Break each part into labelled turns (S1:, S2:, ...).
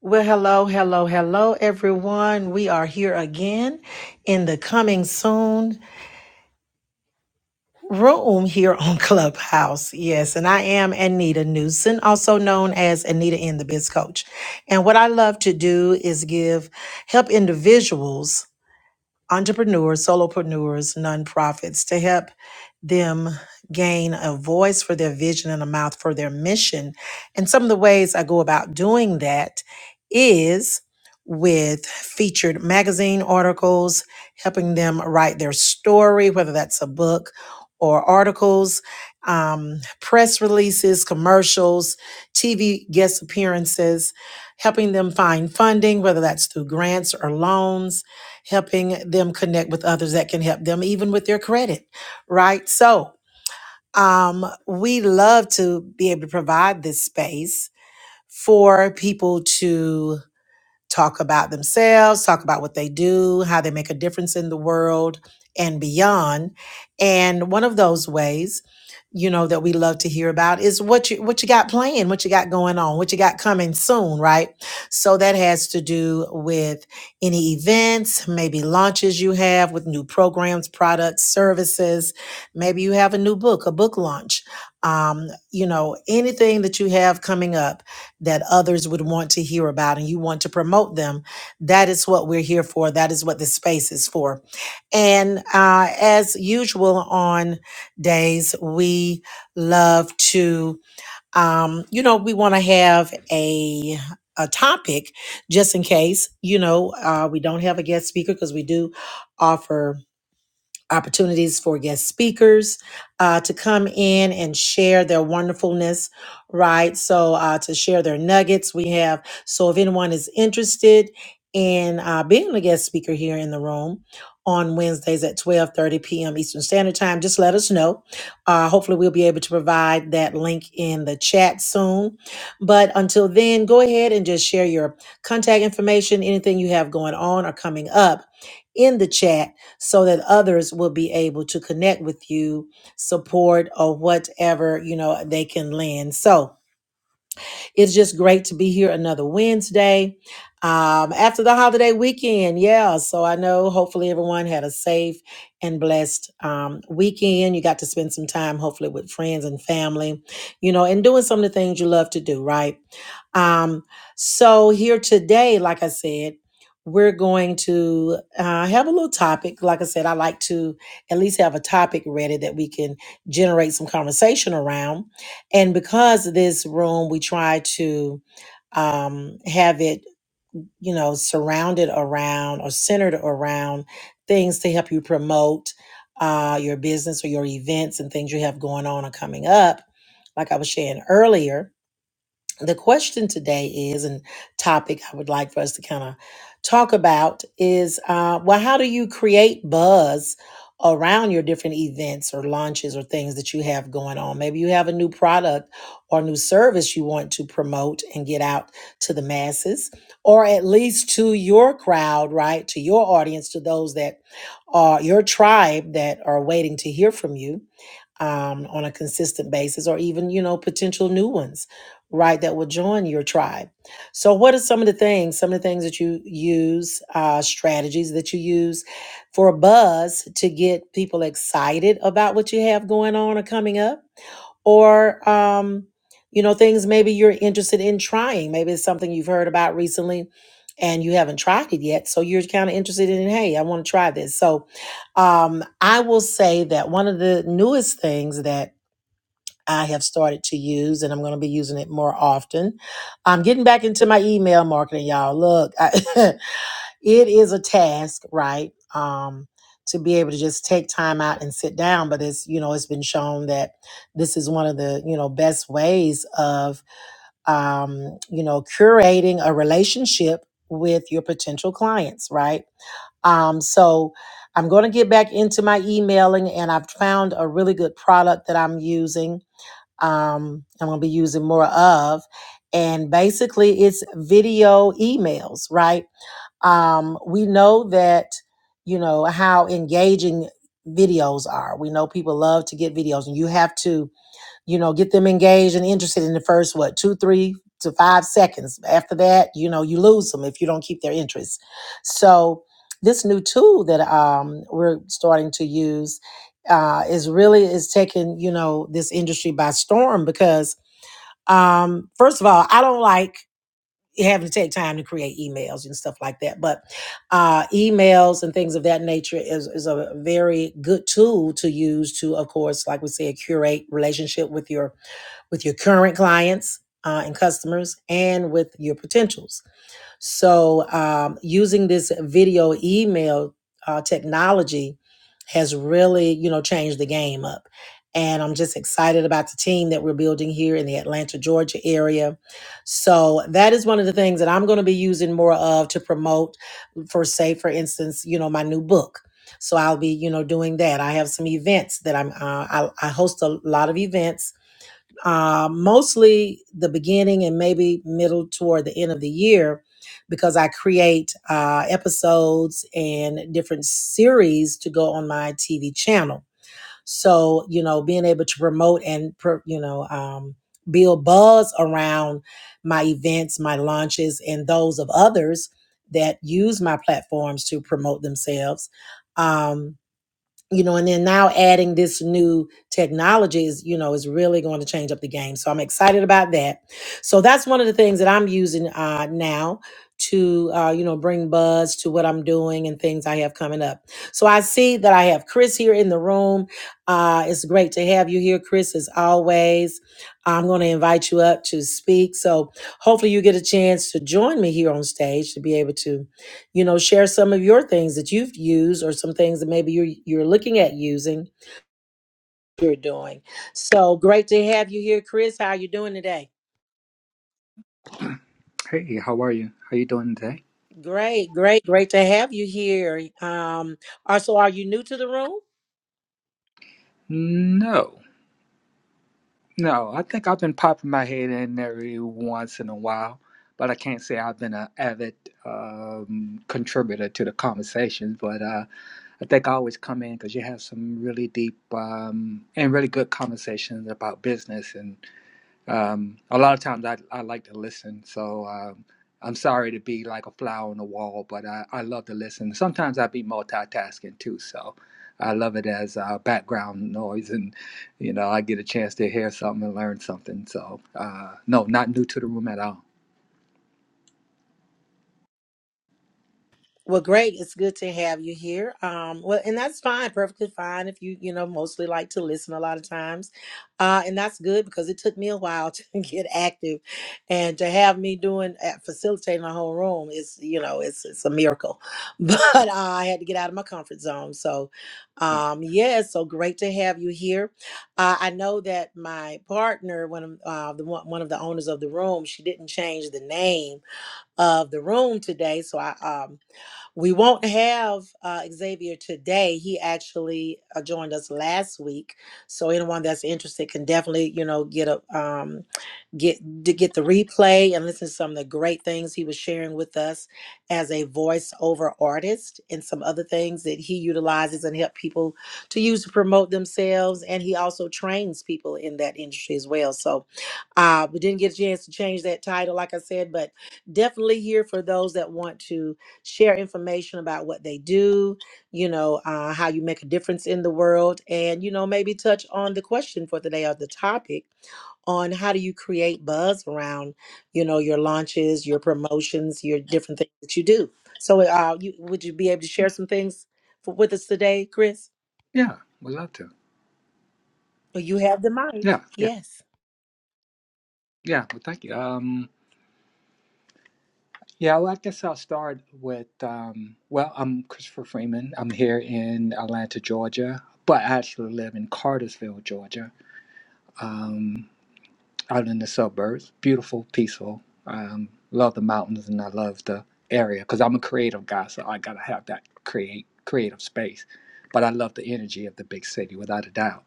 S1: Well, hello, hello, hello, everyone. We are here again in the coming soon room here on Clubhouse. Yes, and I am Anita Newson, also known as Anita in the Biz Coach. And what I love to do is give help individuals entrepreneurs, solopreneurs, nonprofits to help them gain a voice for their vision and a mouth for their mission. And some of the ways I go about doing that is with featured magazine articles, helping them write their story, whether that's a book or articles, um, press releases, commercials, TV guest appearances, helping them find funding, whether that's through grants or loans helping them connect with others that can help them even with their credit right so um, we love to be able to provide this space for people to talk about themselves, talk about what they do, how they make a difference in the world and beyond. And one of those ways, you know, that we love to hear about is what you what you got playing, what you got going on, what you got coming soon, right? So that has to do with any events, maybe launches you have with new programs, products, services. Maybe you have a new book, a book launch. Um, you know, anything that you have coming up that others would want to hear about and you want to promote them. That is what we're here for. That is what the space is for. And uh, as usual on days, we love to, um, you know, we want to have a a topic just in case you know uh, we don't have a guest speaker because we do offer opportunities for guest speakers uh, to come in and share their wonderfulness, right? So, uh, to share their nuggets, we have. So, if anyone is interested in uh, being a guest speaker here in the room on Wednesdays at 12:30 p.m. Eastern Standard Time, just let us know. Uh, hopefully, we'll be able to provide that link in the chat soon. But until then, go ahead and just share your contact information, anything you have going on or coming up in the chat so that others will be able to connect with you, support, or whatever, you know, they can lend. So, it's just great to be here another Wednesday um, after the holiday weekend. Yeah. So I know hopefully everyone had a safe and blessed um, weekend. You got to spend some time, hopefully, with friends and family, you know, and doing some of the things you love to do, right? Um, so here today, like I said, we're going to uh, have a little topic. Like I said, I like to at least have a topic ready that we can generate some conversation around and because of this room we try to um, have it you know surrounded around or centered around things to help you promote uh, your business or your events and things you have going on or coming up like i was sharing earlier the question today is, and topic I would like for us to kind of talk about is, uh, well, how do you create buzz around your different events or launches or things that you have going on? Maybe you have a new product or new service you want to promote and get out to the masses, or at least to your crowd, right? To your audience, to those that are your tribe that are waiting to hear from you um, on a consistent basis, or even, you know, potential new ones, right, that will join your tribe. So, what are some of the things, some of the things that you use, uh, strategies that you use for a buzz to get people excited about what you have going on or coming up? Or, um, you know, things maybe you're interested in trying. Maybe it's something you've heard about recently and you haven't tried it yet. So you're kind of interested in, hey, I want to try this. So um, I will say that one of the newest things that I have started to use, and I'm going to be using it more often. I'm getting back into my email marketing, y'all. Look, I, it is a task, right? Um, to be able to just take time out and sit down, but it's you know it's been shown that this is one of the you know best ways of um, you know curating a relationship with your potential clients, right? Um, so I'm going to get back into my emailing, and I've found a really good product that I'm using. Um, I'm going to be using more of, and basically it's video emails, right? Um, we know that you know how engaging videos are. We know people love to get videos, and you have to you know get them engaged and interested in the first what two three to five seconds after that you know you lose them if you don't keep their interest so this new tool that um, we're starting to use uh, is really is taking you know this industry by storm because um, first of all i don't like having to take time to create emails and stuff like that but uh, emails and things of that nature is, is a very good tool to use to of course like we said curate relationship with your with your current clients uh, and customers and with your potentials. So, um, using this video email uh, technology has really, you know, changed the game up. And I'm just excited about the team that we're building here in the Atlanta, Georgia area. So, that is one of the things that I'm going to be using more of to promote, for say, for instance, you know, my new book. So I'll be, you know, doing that. I have some events that I'm. Uh, I, I host a lot of events uh, mostly the beginning and maybe middle toward the end of the year because I create uh, episodes and different series to go on my TV channel. So, you know, being able to promote and, pro- you know, um, build buzz around my events, my launches, and those of others that use my platforms to promote themselves. Um, you know, and then now adding this new technology is, you know, is really going to change up the game. So I'm excited about that. So that's one of the things that I'm using uh, now to, uh, you know, bring buzz to what I'm doing and things I have coming up. So I see that I have Chris here in the room. Uh, it's great to have you here, Chris, as always. I'm going to invite you up to speak. So hopefully you get a chance to join me here on stage to be able to you know share some of your things that you've used or some things that maybe you're you're looking at using you're doing so great to have you here chris how are you doing today
S2: Hey, how are you? How you doing today?
S1: great great great to have you here um also are you new to the room
S2: No, no. I think I've been popping my head in every once in a while, but I can't say I've been an avid um, contributor to the conversations. But uh, I think I always come in because you have some really deep um, and really good conversations about business, and Um, a lot of times I, I like to listen, so um, I'm sorry to be like a fly on the wall, but I, I love to listen. Sometimes I be multitasking too, so I love it as uh, background noise, and you know I get a chance to hear something and learn something. So uh, no, not new to the room at all.
S1: Well, great. It's good to have you here. Um, well, and that's fine, perfectly fine if you, you know, mostly like to listen a lot of times. Uh, and that's good because it took me a while to get active and to have me doing uh, facilitating the whole room is, you know, it's it's a miracle. But uh, I had to get out of my comfort zone. So,
S2: Yeah,
S1: um, yeah, it's so great to have you here. Uh, I know that my partner, one of uh, the one one of the owners of the room, she didn't change the name of the room today. So I um we won't have uh, Xavier today. He actually uh, joined us last week, so anyone that's interested can definitely, you know, get a um, get to get the replay and listen to some of the great things he was sharing with us as a voiceover artist and some other things that he utilizes and help people to use to promote themselves. And he also trains people in that industry as well. So uh, we didn't get a chance to change that title, like I said, but definitely here for those that want to share information about what they do, you know, uh, how you make a difference in the world, and, you know, maybe touch on the question for today or the topic on how do you create buzz around, you know, your launches, your promotions, your different things that you do. So, uh, you, would you be able to share some things for, with us today, Chris?
S2: yeah, would love to.
S1: You have the mic.
S2: Yeah, yeah,
S1: Yes.
S2: yeah. Well, thank you. Um, yeah, well, I guess I'll start with, um, well, I'm Christopher Freeman. I'm here in Atlanta, Georgia, but I actually live in Cartersville, Georgia um, out in the suburbs. Beautiful, peaceful. Um, love the mountains and I love the area because I'm a creative guy, so I gotta have that create creative space. But I love the energy of the big city without a doubt.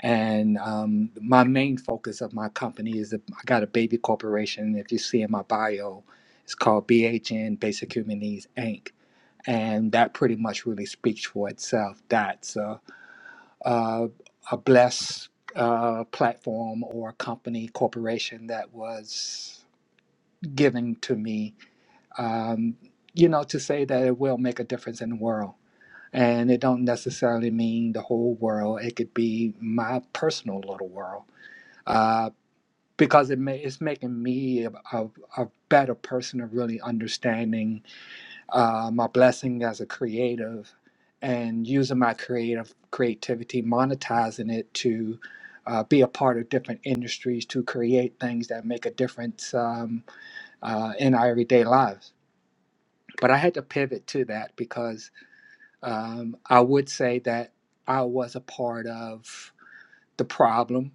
S2: And um, my main focus of my company is that I got a baby corporation. If you see in my bio, it's called BHN Basic Human Needs Inc. And that pretty much really speaks for itself. That's uh, uh, a bless uh, platform or company corporation that was given to me um, you know to say that it will make a difference in the world and it don't necessarily mean the whole world it could be my personal little world uh, because it ma- it's making me a, a, a better person of really understanding uh, my blessing as a creative and using my creative creativity monetizing it to uh, be a part of different industries to create things that make a difference um, uh, in our everyday lives but i had to pivot to that because um, i would say that i was a part of the problem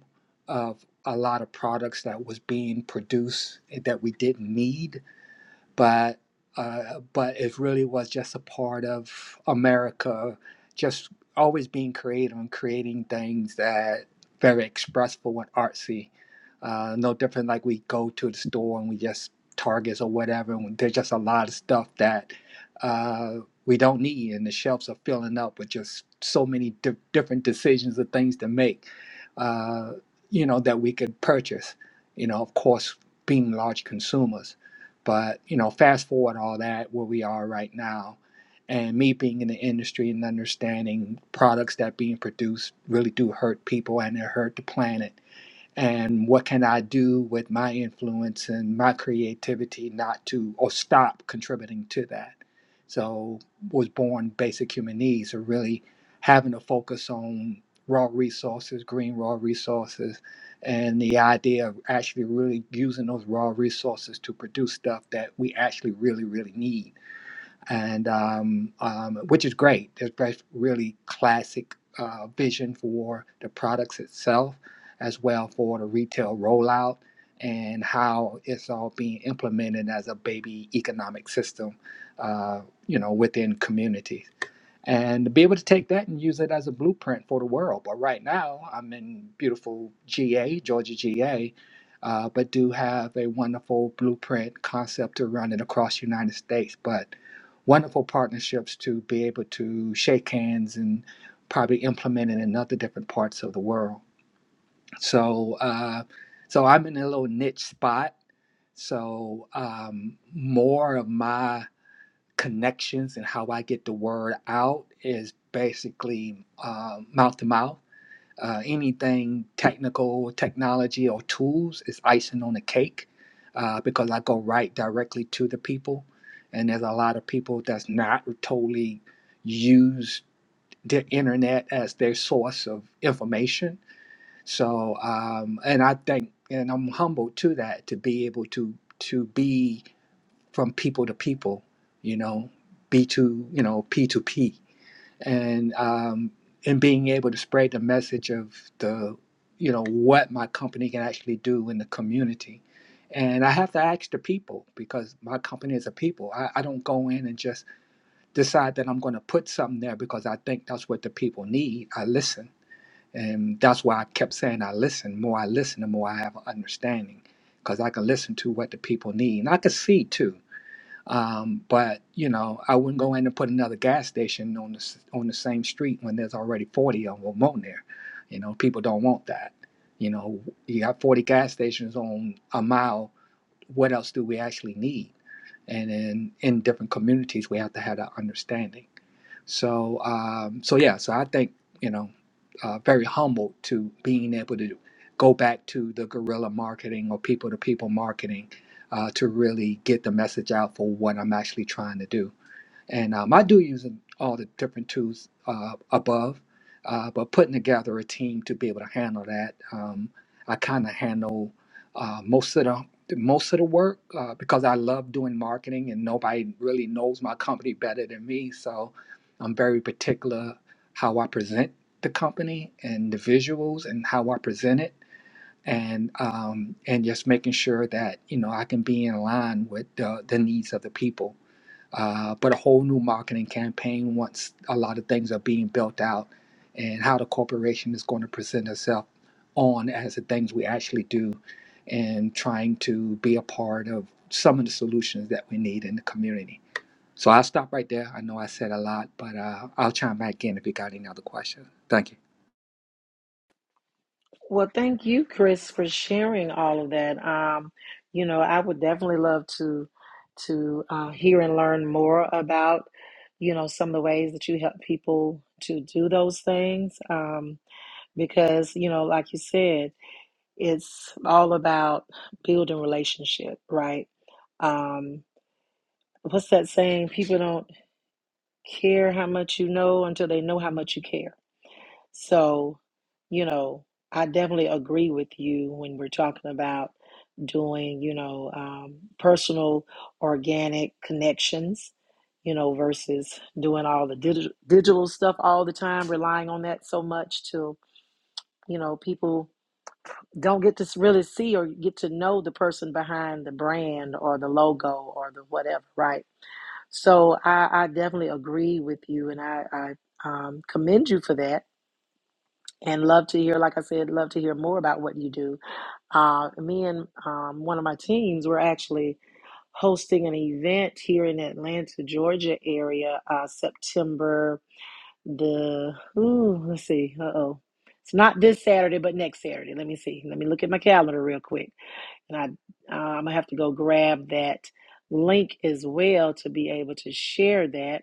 S2: of a lot of products that was being produced that we didn't need but uh, but it really was just a part of America, just always being creative and creating things that very expressive and artsy. Uh, no different like we go to the store and we just Targets or whatever. And there's just a lot of stuff that uh, we don't need, and the shelves are filling up with just so many di- different decisions of things to make. Uh, you know that we could purchase. You know, of course, being large consumers. But you know, fast forward all that where we are right now, and me being in the industry and understanding products that being produced really do hurt people and they hurt the planet and what can I do with my influence and my creativity not to or stop contributing to that? So was born basic human needs or really having a focus on raw resources, green raw resources, and the idea of actually really using those raw resources to produce stuff that we actually really, really need and um, um, which is great. There's really classic uh, vision for the products itself, as well for the retail rollout and how it's all being implemented as a baby economic system, uh, you know, within communities and be able to take that and use it as a blueprint for the world. But right now, I'm in beautiful GA, Georgia GA, uh, but do have a wonderful blueprint concept to run it across the United States. But wonderful partnerships to be able to shake hands and probably implement it in other different parts of the world. So, uh, so I'm in a little niche spot. So um, more of my connections and how I get the word out is basically um, mouth to mouth. Uh, anything technical, technology, or tools is icing on the cake uh, because I go right directly to the people. And there's a lot of people that's not totally used the internet as their source of information. So, um, and I think, and I'm humbled to that to be able to to be from people to people, you know, B to you know P to P, and um, and being able to spread the message of the you know what my company can actually do in the community. And I have to ask the people because my company is a people. I, I don't go in and just decide that I'm going to put something there because I think that's what the people need. I listen. And that's why I kept saying I listen. more I listen, the more I have an understanding because I can listen to what the people need. And I can see too um, but you know, I wouldn't go in and put another gas station on the s- on the same street when there's already forty of them on there. You know, people don't want that. You know, you got forty gas stations on a mile. What else do we actually need? And in in different communities, we have to have that understanding. So, um, so yeah, so I think, you know, uh, very humbled to being able to go back to the guerrilla marketing or people to people marketing uh, to really get the message out for what I'm actually trying to do and um, I do use all the different tools uh, above, uh, but putting together a team to be able to handle that, um, I kind of handle uh, most of the most of the work uh, because I love doing marketing, and nobody really knows my company better than me. So I'm very particular how I present the company and the visuals and how I present it. And um, and just making sure that you know I can be in line with uh, the needs of the people uh, but a whole new marketing campaign once a lot of things are being built out and how the corporation is going to present itself on as the things we actually do and trying to be a part of some of the solutions that we need in the community. So I'll stop right there. I know I said a lot, but uh, I'll chime back in if you got any other questions. Thank you.
S1: Well, thank you, Chris, for sharing all of that. Um, you know, I would definitely love to to uh, hear and learn more about, you know, some of the ways that you help people to do those things. Um, because, you know, like you said, it's all about building relationship, right? Um, what's that saying? People don't care how much you know until they know how much you care. So, you know, I definitely agree with you when we're talking about doing, you know, um, personal organic connections, you know, versus doing all the digital digital stuff all the time, relying on that so much to, you know, people don't get to s- really see or get to know the person behind the brand or the logo or the whatever, right? So I, I definitely agree with you, and I, I um, commend you for that and love to hear like i said love to hear more about what you do uh, me and um, one of my teams were actually hosting an event here in atlanta georgia area uh, september the ooh, let's see uh-oh it's not this saturday but next saturday let me see let me look at my calendar real quick and i uh, i'm gonna have to go grab that link as well to be able to share that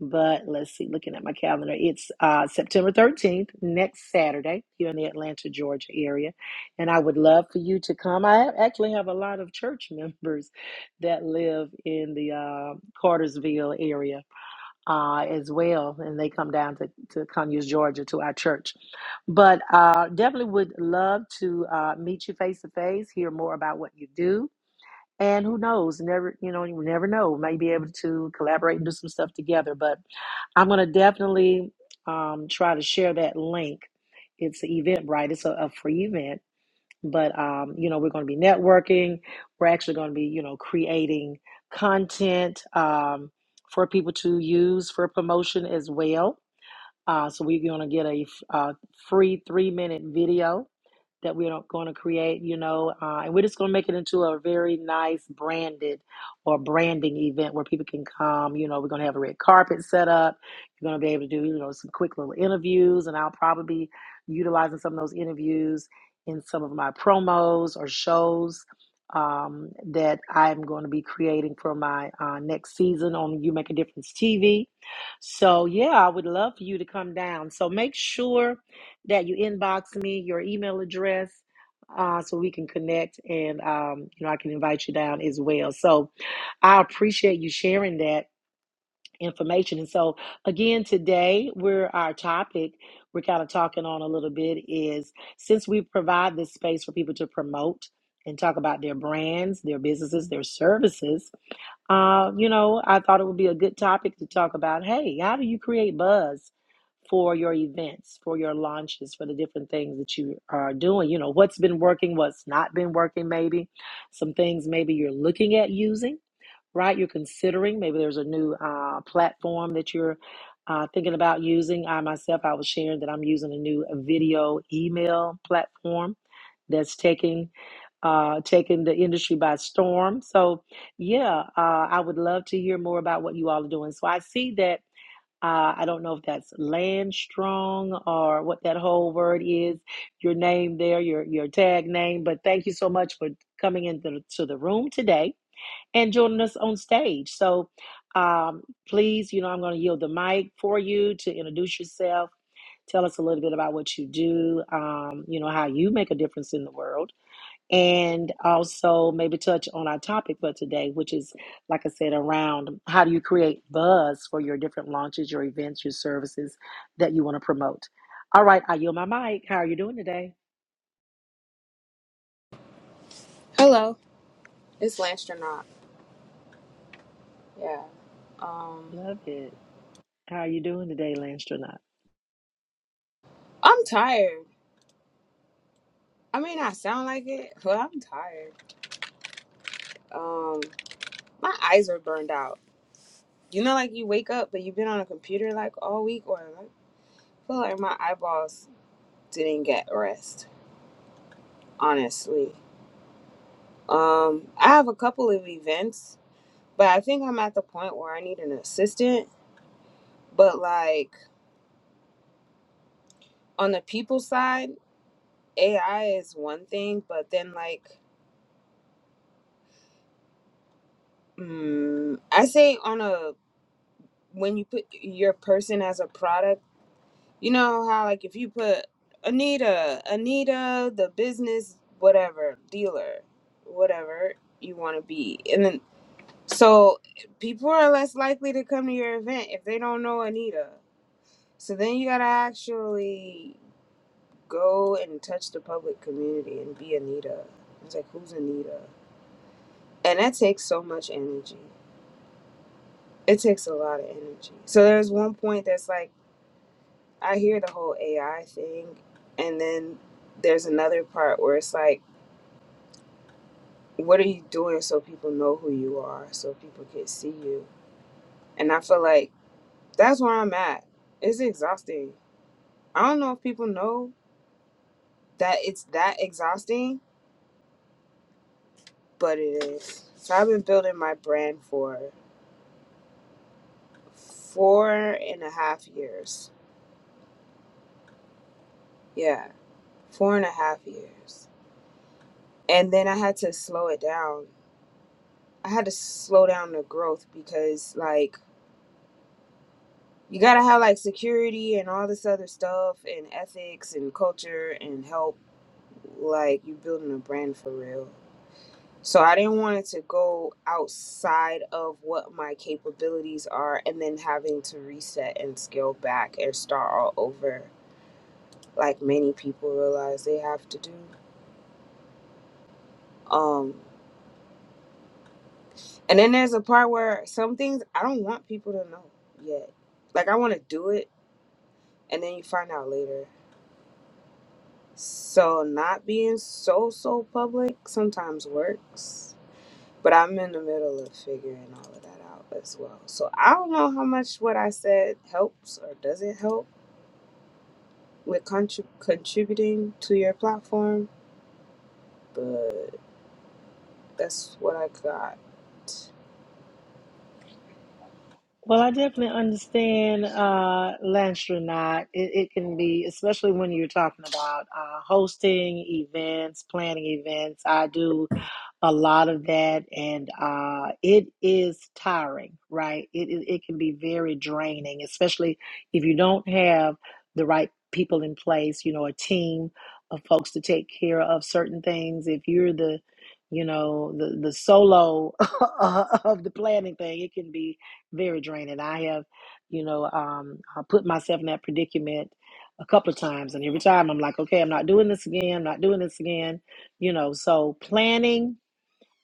S1: but let's see, looking at my calendar, it's uh, September 13th, next Saturday, here in the Atlanta, Georgia area. And I would love for you to come. I actually have a lot of church members that live in the uh, Cartersville area uh, as well, and they come down to, to Conyers, Georgia, to our church. But uh, definitely would love to uh, meet you face to face, hear more about what you do and who knows? Never, you know, you never know. We may be able to collaborate and do some stuff together. But I'm going to definitely um, try to share that link. It's an event, right? It's a, a free event. But, um, you know, we're going to be networking. We're actually going to be, you know, creating content um, for people to use for promotion as well uh, so we're going to get a f- uh, free three minute video that we're going to create, you know, uh, and we're just going to make it into a very nice branded or branding event where people can come. You know, we're going to have a red carpet set up. You're going to be able to do, you know, some quick little interviews, and I'll probably be utilizing some of those interviews in some of my promos or shows um, that I'm going to be creating for my uh, next season on You Make a Difference TV. So, yeah, I would love for you to come down. So, make sure that you inbox me your email address uh, so we can connect and, um, you know, I can invite you down as well. So, I appreciate you sharing that information. And so, again, today, we're our topic we're kind of talking on a little bit is since we provide this space for people to promote and talk about their brands, their businesses, their services uh, you know, I thought it would be a good topic to talk about. Hey, how do you create buzz for your events, for your launches, for the different things that you are doing? You know, what's been working, what's not been working, maybe some things maybe you're looking at using, right? You're considering maybe there's a new uh, platform that you're uh, thinking about using. I myself, I was sharing that I'm using a new video email platform that's taking uh, taking the industry by storm. So, yeah, uh, I would love to hear more about what you all are doing. So, I see that. Uh, I don't know if that's land strong or what that whole word is. Your name there, your your tag name. But thank you so much for coming into the, to the room today and joining us on stage. So, um, please, you know, I'm going to yield the mic for you to introduce yourself. Tell us a little bit about what you do. Um, you know how you make a difference in the world and also maybe touch on our topic for today, which is, like I said, around how do you create buzz for your different launches, your events, your services that you want to promote. All right, I yield my mic. How are you doing today?
S3: Hello, it's Landstronaut. Yeah. Um,
S1: Love it. How are you doing today, Landstronaut?
S3: I'm tired. I may not sound like it, but I'm tired. Um, my eyes are burned out. You know, like you wake up, but you've been on a computer like all week, or like, I feel like my eyeballs didn't get rest. Honestly, um, I have a couple of events, but I think I'm at the point where I need an assistant. But like on the people side, AI is one thing, but then like, mm, I say on a when you put your person as a product, you know how like if you put Anita, Anita, the business whatever dealer, whatever you want to be, and then so people are less likely to come to your event if they don't know Anita. So then you gotta actually go and touch the public community and be Anita. It's like who's Anita, and that takes so much energy. It takes a lot of energy. So there's one point that's like I hear the whole AI thing, and then there's another part where it's like, what are you doing so people know who you are, so people can see you? And I feel like that's where I'm at. It's exhausting. I don't know if people know that it's that exhausting, but it is. So I've been building my brand for four and a half years. Yeah, four and a half years. And then I had to slow it down. I had to slow down the growth because, like, you gotta have like security and all this other stuff and ethics and culture and help like you building a brand for real so i didn't want it to go outside of what my capabilities are and then having to reset and scale back and start all over like many people realize they have to do um and then there's a part where some things i don't want people to know yet like i want to do it and then you find out later So not being so so public sometimes works, but I'm in the middle of figuring all of that out as well. So I don't know how much what I said helps or doesn't help with contrib- contributing to your platform, but that's what I got.
S1: Well, I definitely understand, uh, Landstronaut. It, it can be, especially when you're talking about uh, hosting events, planning events. I do a lot of that and uh, it is tiring right it, it, it can be very draining especially if you don't have the right people in place you know a team of folks to take care of certain things if you're the you know the, the solo of the planning thing it can be very draining i have you know um, i put myself in that predicament a couple of times and every time i'm like okay i'm not doing this again i'm not doing this again you know so planning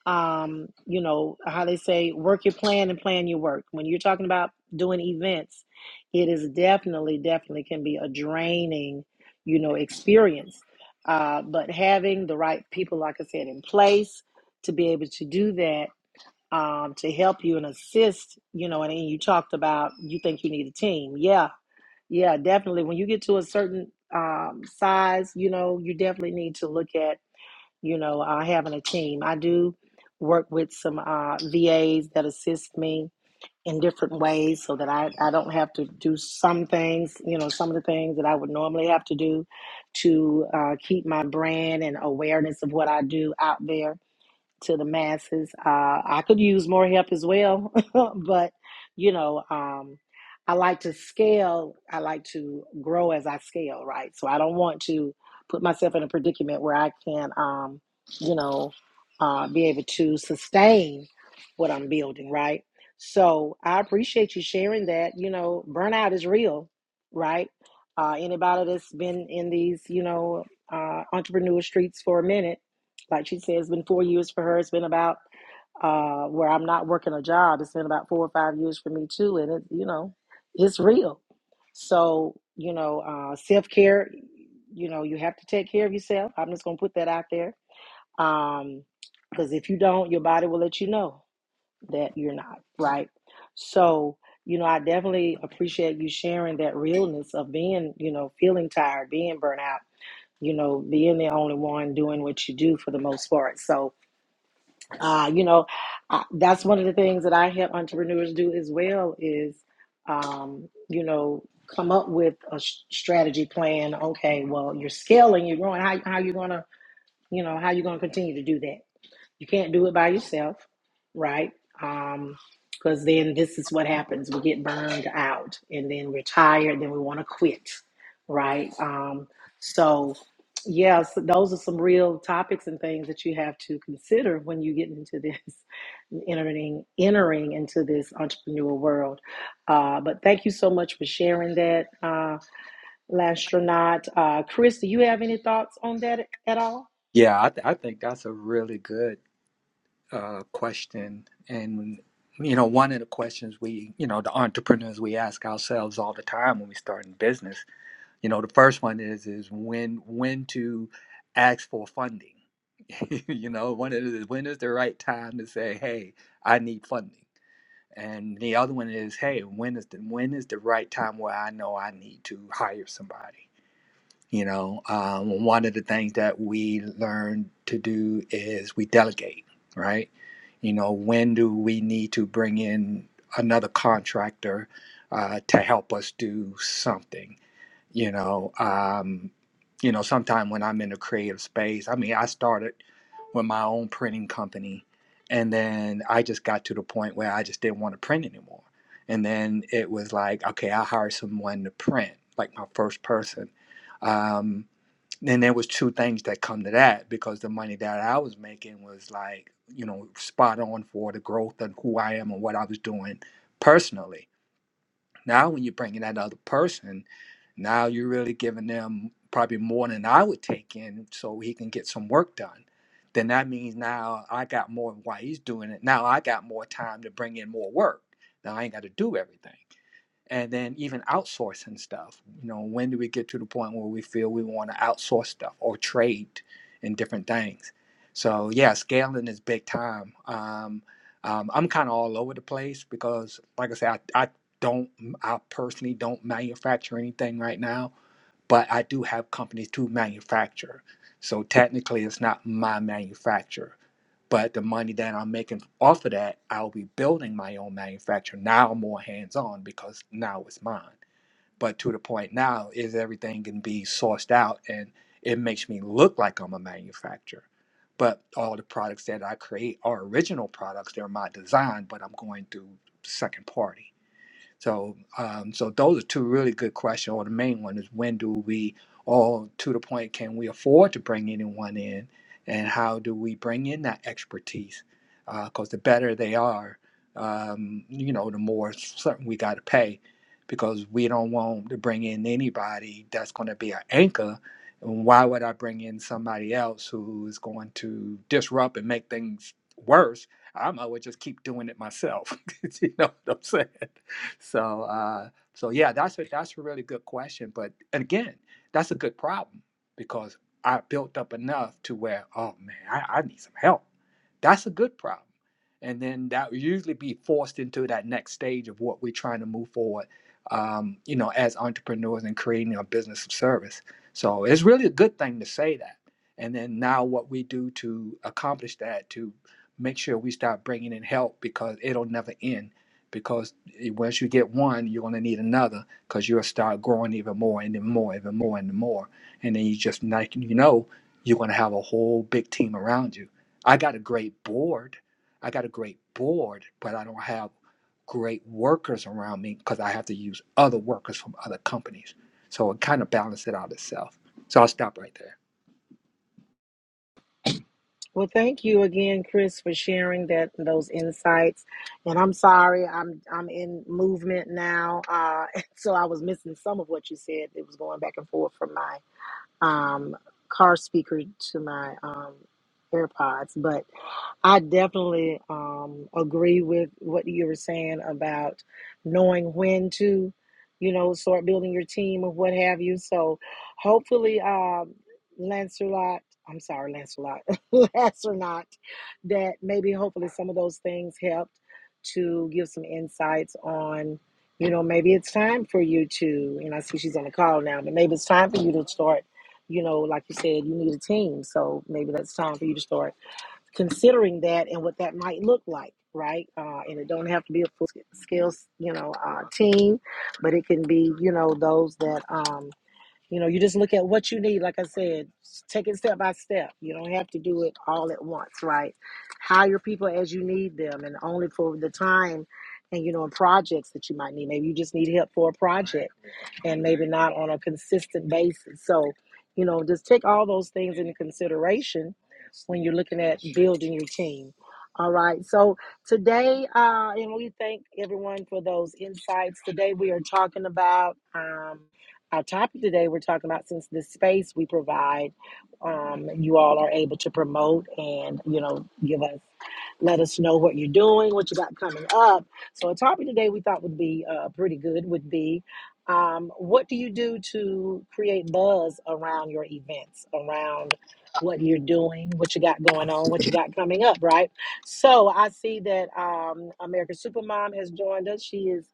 S1: um, you know, how they say, work your plan and plan your work. When you're talking about doing events, it is definitely, definitely can be a draining, you know, experience. Uh, but having the right people, like I said, in place to be able to do that, um, to help you and assist, you know, and, and you talked about you think you need a team. Yeah, yeah, definitely. When you get to a certain um, size, you know, you definitely need to look at you know, uh, having a team. I do work with some uh, VAs that assist me in different ways so that I, I don't have to do some things, you know, some of the things that I would normally have to do to uh, keep my brand and awareness of what I do out there to the masses. Uh, I could use more help as well, but you know, um, I like to scale. I like to grow as I scale, right? So I don't want to put myself in a predicament where I can't, um, you know, uh, be able to sustain what I'm building, right? So I appreciate you sharing that. You know, burnout is real, right? Uh, anybody that's been in these, you know, uh, entrepreneur streets for a minute like she said, it's been four years for her. It's been about uh, where I'm not working a job. It's been about four or five years for me too, and it, you know, it's real. So you know, uh, self care. You know, you have to take care of yourself. I'm just gonna put that out there, Um, because if you don't, your body will let you know that you're not right. So you know, I definitely appreciate you sharing that realness of being, you know, feeling tired, being burnt out. You know, being the only one doing what you do for the most part. So uh, you know, I, that's one of the things that I help entrepreneurs do as well is, um, you know, come up with a s- strategy plan. Okay, well, you're scaling, you're growing. How how you gonna, you know, how you gonna continue to do that? You can't do it by yourself, right? Um, because then this is what happens. We get burned out and then we're tired, then we want to quit, right? Um, so, yes, those are some real topics and things that you have to consider when you get into this, entering, entering into this entrepreneurial world. Uh, but thank you so much for sharing that, uh, Lastronaut. Uh, Chris, do you have any thoughts on that at all?
S2: Yeah, I, th- I think that's a really good uh, question. And, you know, one of the questions we, you know, the entrepreneurs we ask ourselves all the time when we start in business, you know, the first one is, is when, when to ask for funding. you know, one is when is the right time to say, hey, I need funding? And the other one is, hey, when is the when is the right time where I know I need to hire somebody? You know, um, well, one of the things that we learn to do is we delegate, right? You know, when do we need to bring in another contractor uh, to help us do something? you know um you know sometime when i'm in a creative space i mean i started with my own printing company and then i just got to the point where i just didn't want to print anymore and then it was like okay i hired someone to print like my first person um then there was two things that come to that because the money that i was making was like you know spot on for the growth and who i am and what i was doing personally now, when you bring in that other person, now you're really giving them probably more than I would take in so he can get some work done. Then that means now I got more while he's doing it. Now I got more time to bring in more work. Now I ain't got to do everything and then even outsourcing stuff you know when do we get to the point where we feel we want to outsource stuff or trade in different things so yeah scaling is big time um, um, i'm kind of all over the place because like i said I, I don't i personally don't manufacture anything right now but i do have companies to manufacture so technically it's not my manufacture but the money that I'm making off of that, I'll be building my own manufacturer now more hands on because now it's mine. But to the point now is everything can be sourced out and it makes me look like I'm a manufacturer. But all the products that I create are original products, they're my design, but I'm going through second party. So, um, so those are two really good questions. Or the main one is when do we, or to the point, can we afford to bring anyone in, and how do we bring in that expertise? Because the better they are, um, you know, the more certain we got to pay, because we don't want to bring in anybody that's going to be an anchor. And why would I bring in somebody else who is going to disrupt and make things worse? I might as well just keep doing it myself. you know what I'm saying? so uh, so yeah, that's a that's a really good question. But again, that's a good problem because I built up enough to where oh man, I, I need some help. That's a good problem, and then that will usually be forced into that next stage of what we're trying to move forward. Um, you know, as entrepreneurs and creating a business of service. So it's really a good thing to say that. And then now, what we do to accomplish that to make sure we start bringing in help because it'll never end because once you get one, you're going to need another because you'll start growing even more and then more, even more and more. And then you just, like you know, you're going to have a whole big team around you. I got a great board. I got a great board, but I don't have great workers around me because I have to use other workers from other companies. So it kind of balances it out itself. So I'll stop right there.
S1: Well, thank you again, Chris, for sharing that those insights. And I'm sorry, I'm I'm in movement now, uh, so I was missing some of what you said. It was going back and forth from my um, car speaker to my um, AirPods, but I definitely um, agree with what you were saying about knowing when to, you know, start building your team or what have you. So hopefully, um, Lancelot, I'm sorry, Lancelot, Lancelot, that maybe hopefully some of those things helped to give some insights on, you know, maybe it's time for you to, and I see she's on the call now, but maybe it's time for you to start, you know, like you said, you need a team. So maybe that's time for you to start considering that and what that might look like right uh, and it don't have to be a full scale you know uh, team but it can be you know those that um, you know you just look at what you need like i said take it step by step you don't have to do it all at once right hire people as you need them and only for the time and you know and projects that you might need maybe you just need help for a project and maybe not on a consistent basis. So, you know, just take all those things into consideration when you're looking at building your team. All right. So today, uh, and we thank everyone for those insights. Today, we are talking about um, our topic today. We're talking about since the space we provide, um, you all are able to promote and, you know, give us let us know what you're doing, what you got coming up. So a topic today we thought would be uh, pretty good would be um, what do you do to create buzz around your events, around what you're doing, what you got going on, what you got coming up, right? So I see that um, American Supermom has joined us. She is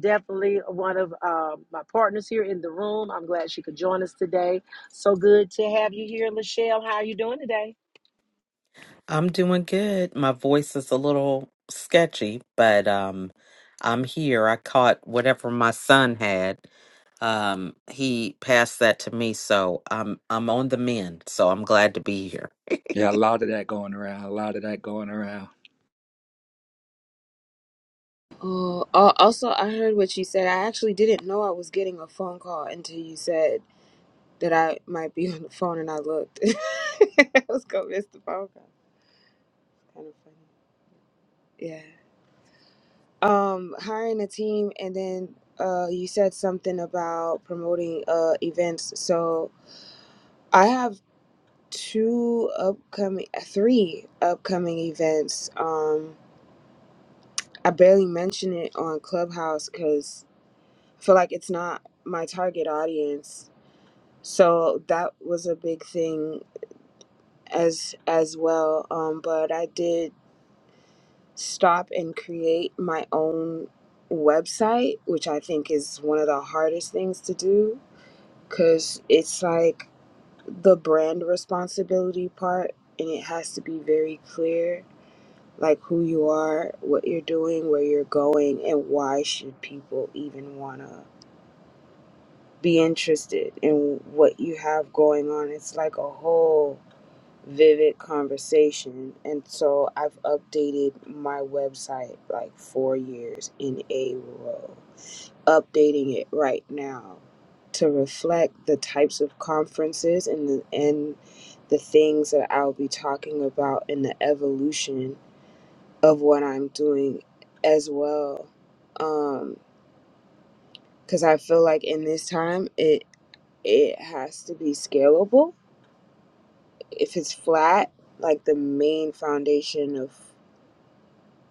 S1: definitely one of um my partners here in the room. I'm glad she could join us today. So good to have you here, Lachelle. How are you doing today?
S4: I'm doing good. My voice is a little sketchy, but um I'm here. I caught whatever my son had. Um he passed that to me, so I'm I'm on the mend. So I'm glad to be here.
S2: Yeah, a lot of that going around, a lot of that going around.
S3: Oh, al- also I heard what you said. I actually didn't know I was getting a phone call until you said that I might be on the phone, and I looked. I was gonna miss the phone call. Kind of funny. Yeah. Um, hiring a team, and then uh, you said something about promoting uh events. So I have two upcoming, uh, three upcoming events. Um, I barely mention it on Clubhouse because I feel like it's not my target audience. So that was a big thing as as well. Um, but I did stop and create my own website, which I think is one of the hardest things to do because it's like the brand responsibility part and it has to be very clear like who you are what you're doing where you're going and why should people even want to be interested in what you have going on it's like a whole vivid conversation and so i've updated my website like four years in a row updating it right now to reflect the types of conferences and the, and the things that I'll be talking about and the evolution of what I'm doing as well. Because I feel like in this time, it it has to be scalable. If it's flat, like the main foundation of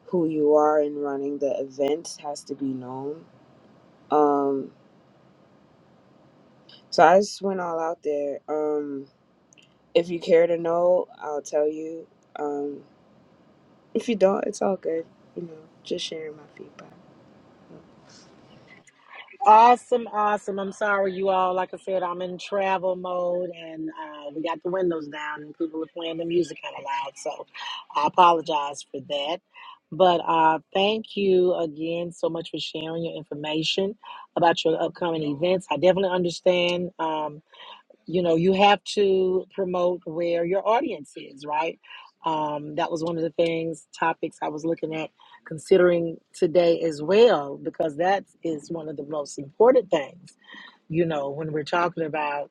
S3: who you are in running the events has to be known. Um, so I just went all out there. Um, If you care to know, I'll tell you. Um, if you don't, it's all good. You know, just sharing my feedback.
S1: Awesome, awesome. I'm sorry, you all. Like I said, I'm in travel mode and uh, we got the windows down and people were playing the music kind of loud. So I apologize for that. But uh, thank you again so much for sharing your information about your upcoming events. I definitely understand. Um, you know you have to promote where your audience is right um, that was one of the things topics i was looking at considering today as well because that is one of the most important things you know when we're talking about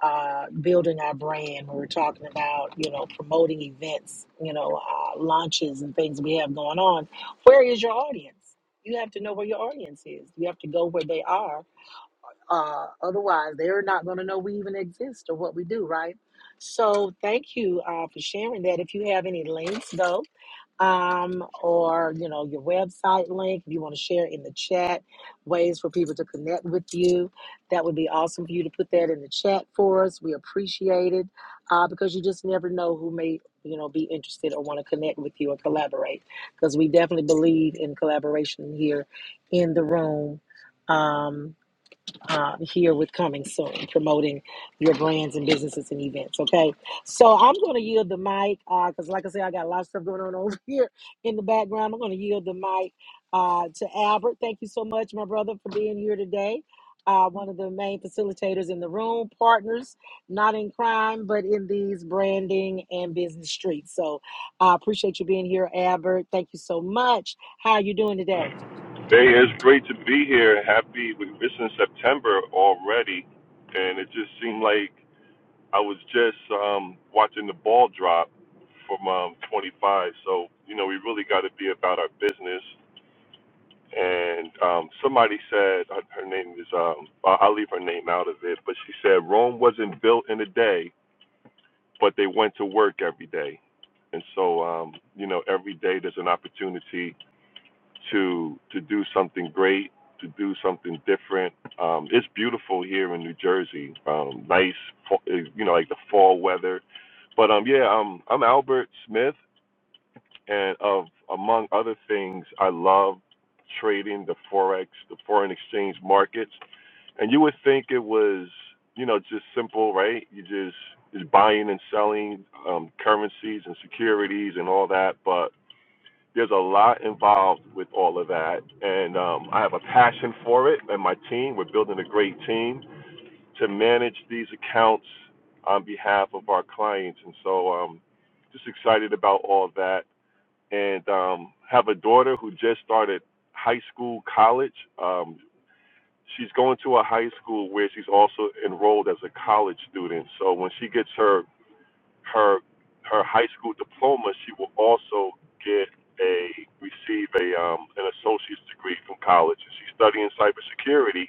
S1: uh, building our brand when we're talking about you know promoting events you know uh, launches and things we have going on where is your audience you have to know where your audience is you have to go where they are uh, otherwise, they're not going to know we even exist or what we do, right? So, thank you uh, for sharing that. If you have any links, though, um, or you know your website link if you want to share in the chat ways for people to connect with you that would be awesome for you to put that in the chat for us we appreciate it uh, because you just never know who may you know be interested or want to connect with you or collaborate because we definitely believe in collaboration here in the room um, uh, here with coming soon, promoting your brands and businesses and events. Okay, so I'm going to yield the mic because, like I said, I got a lot of stuff going on over here in the background. I'm going to yield the mic uh, to Albert. Thank you so much, my brother, for being here today. Uh, one of the main facilitators in the room, partners, not in crime, but in these branding and business streets. So I appreciate you being here, Albert. Thank you so much. How are you doing today?
S5: Hey, it's great to be here. Happy, we are in September already, and it just seemed like I was just um, watching the ball drop from um, 25. So, you know, we really got to be about our business. And um, somebody said, uh, her name is, um, I- I'll leave her name out of it, but she said, Rome wasn't built in a day, but they went to work every day. And so, um, you know, every day there's an opportunity to to do something great, to do something different. Um, it's beautiful here in New Jersey. Um, nice, you know, like the fall weather. But um, yeah, um, I'm Albert Smith, and of among other things, I love trading the forex, the foreign exchange markets. And you would think it was, you know, just simple, right? You just is buying and selling um, currencies and securities and all that, but there's a lot involved with all of that, and um, I have a passion for it. And my team, we're building a great team to manage these accounts on behalf of our clients, and so I'm um, just excited about all of that. And um, have a daughter who just started high school, college. Um, she's going to a high school where she's also enrolled as a college student. So when she gets her her her high school diploma, she will also get a receive a um, an associate's degree from college. And she's studying cybersecurity,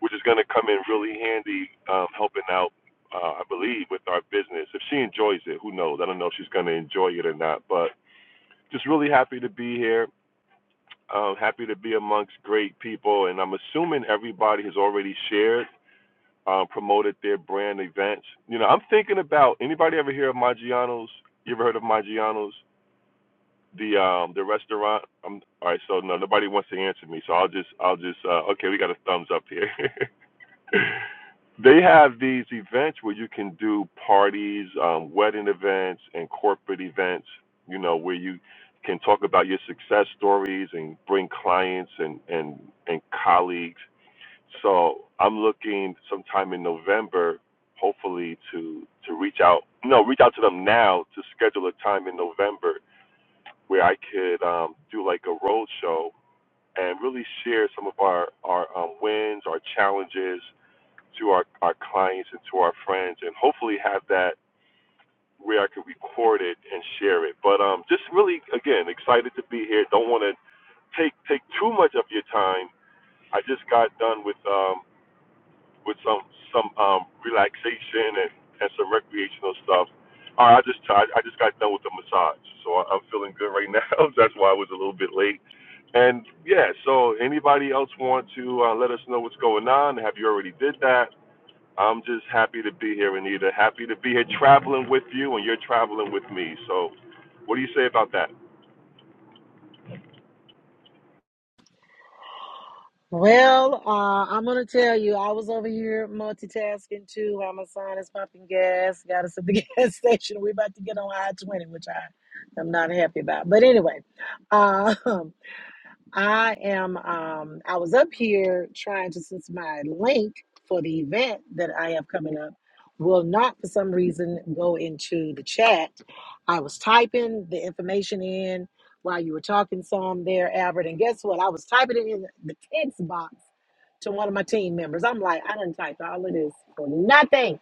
S5: which is going to come in really handy, um, helping out. Uh, I believe with our business. If she enjoys it, who knows? I don't know if she's going to enjoy it or not, but just really happy to be here. Um, happy to be amongst great people, and I'm assuming everybody has already shared um, promoted their brand events. You know, I'm thinking about anybody ever hear of Maggiano's? You ever heard of Maggiano's? The um the restaurant. I'm, all right, so no, nobody wants to answer me, so I'll just I'll just uh, okay. We got a thumbs up here. they have these events where you can do parties, um, wedding events, and corporate events. You know, where you can talk about your success stories and bring clients and and and colleagues so I'm looking sometime in November, hopefully to to reach out. No, reach out to them now to schedule a time in November where I could um, do like a road show and really share some of our our um, wins, our challenges to our our clients and to our friends, and hopefully have that where I could record it and share it. But um, just really again excited to be here. Don't want to take take too much of your time. I just got done with um, with some some um, relaxation and, and some recreational stuff. All right, I just I, I just got done with the massage, so I, I'm feeling good right now. That's why I was a little bit late. And yeah, so anybody else want to uh, let us know what's going on? Have you already did that? I'm just happy to be here, Anita. Happy to be here traveling with you, and you're traveling with me. So, what do you say about that?
S1: Well, uh, I'm gonna tell you, I was over here multitasking too. while my son is pumping gas. Got us at the gas station. We're about to get on I-20, which I am not happy about. But anyway, um, I am um I was up here trying to since my link for the event that I have coming up will not for some reason go into the chat. I was typing the information in while you were talking some there, Albert, and guess what? I was typing it in the text box to one of my team members. I'm like, I didn't type all of this for nothing.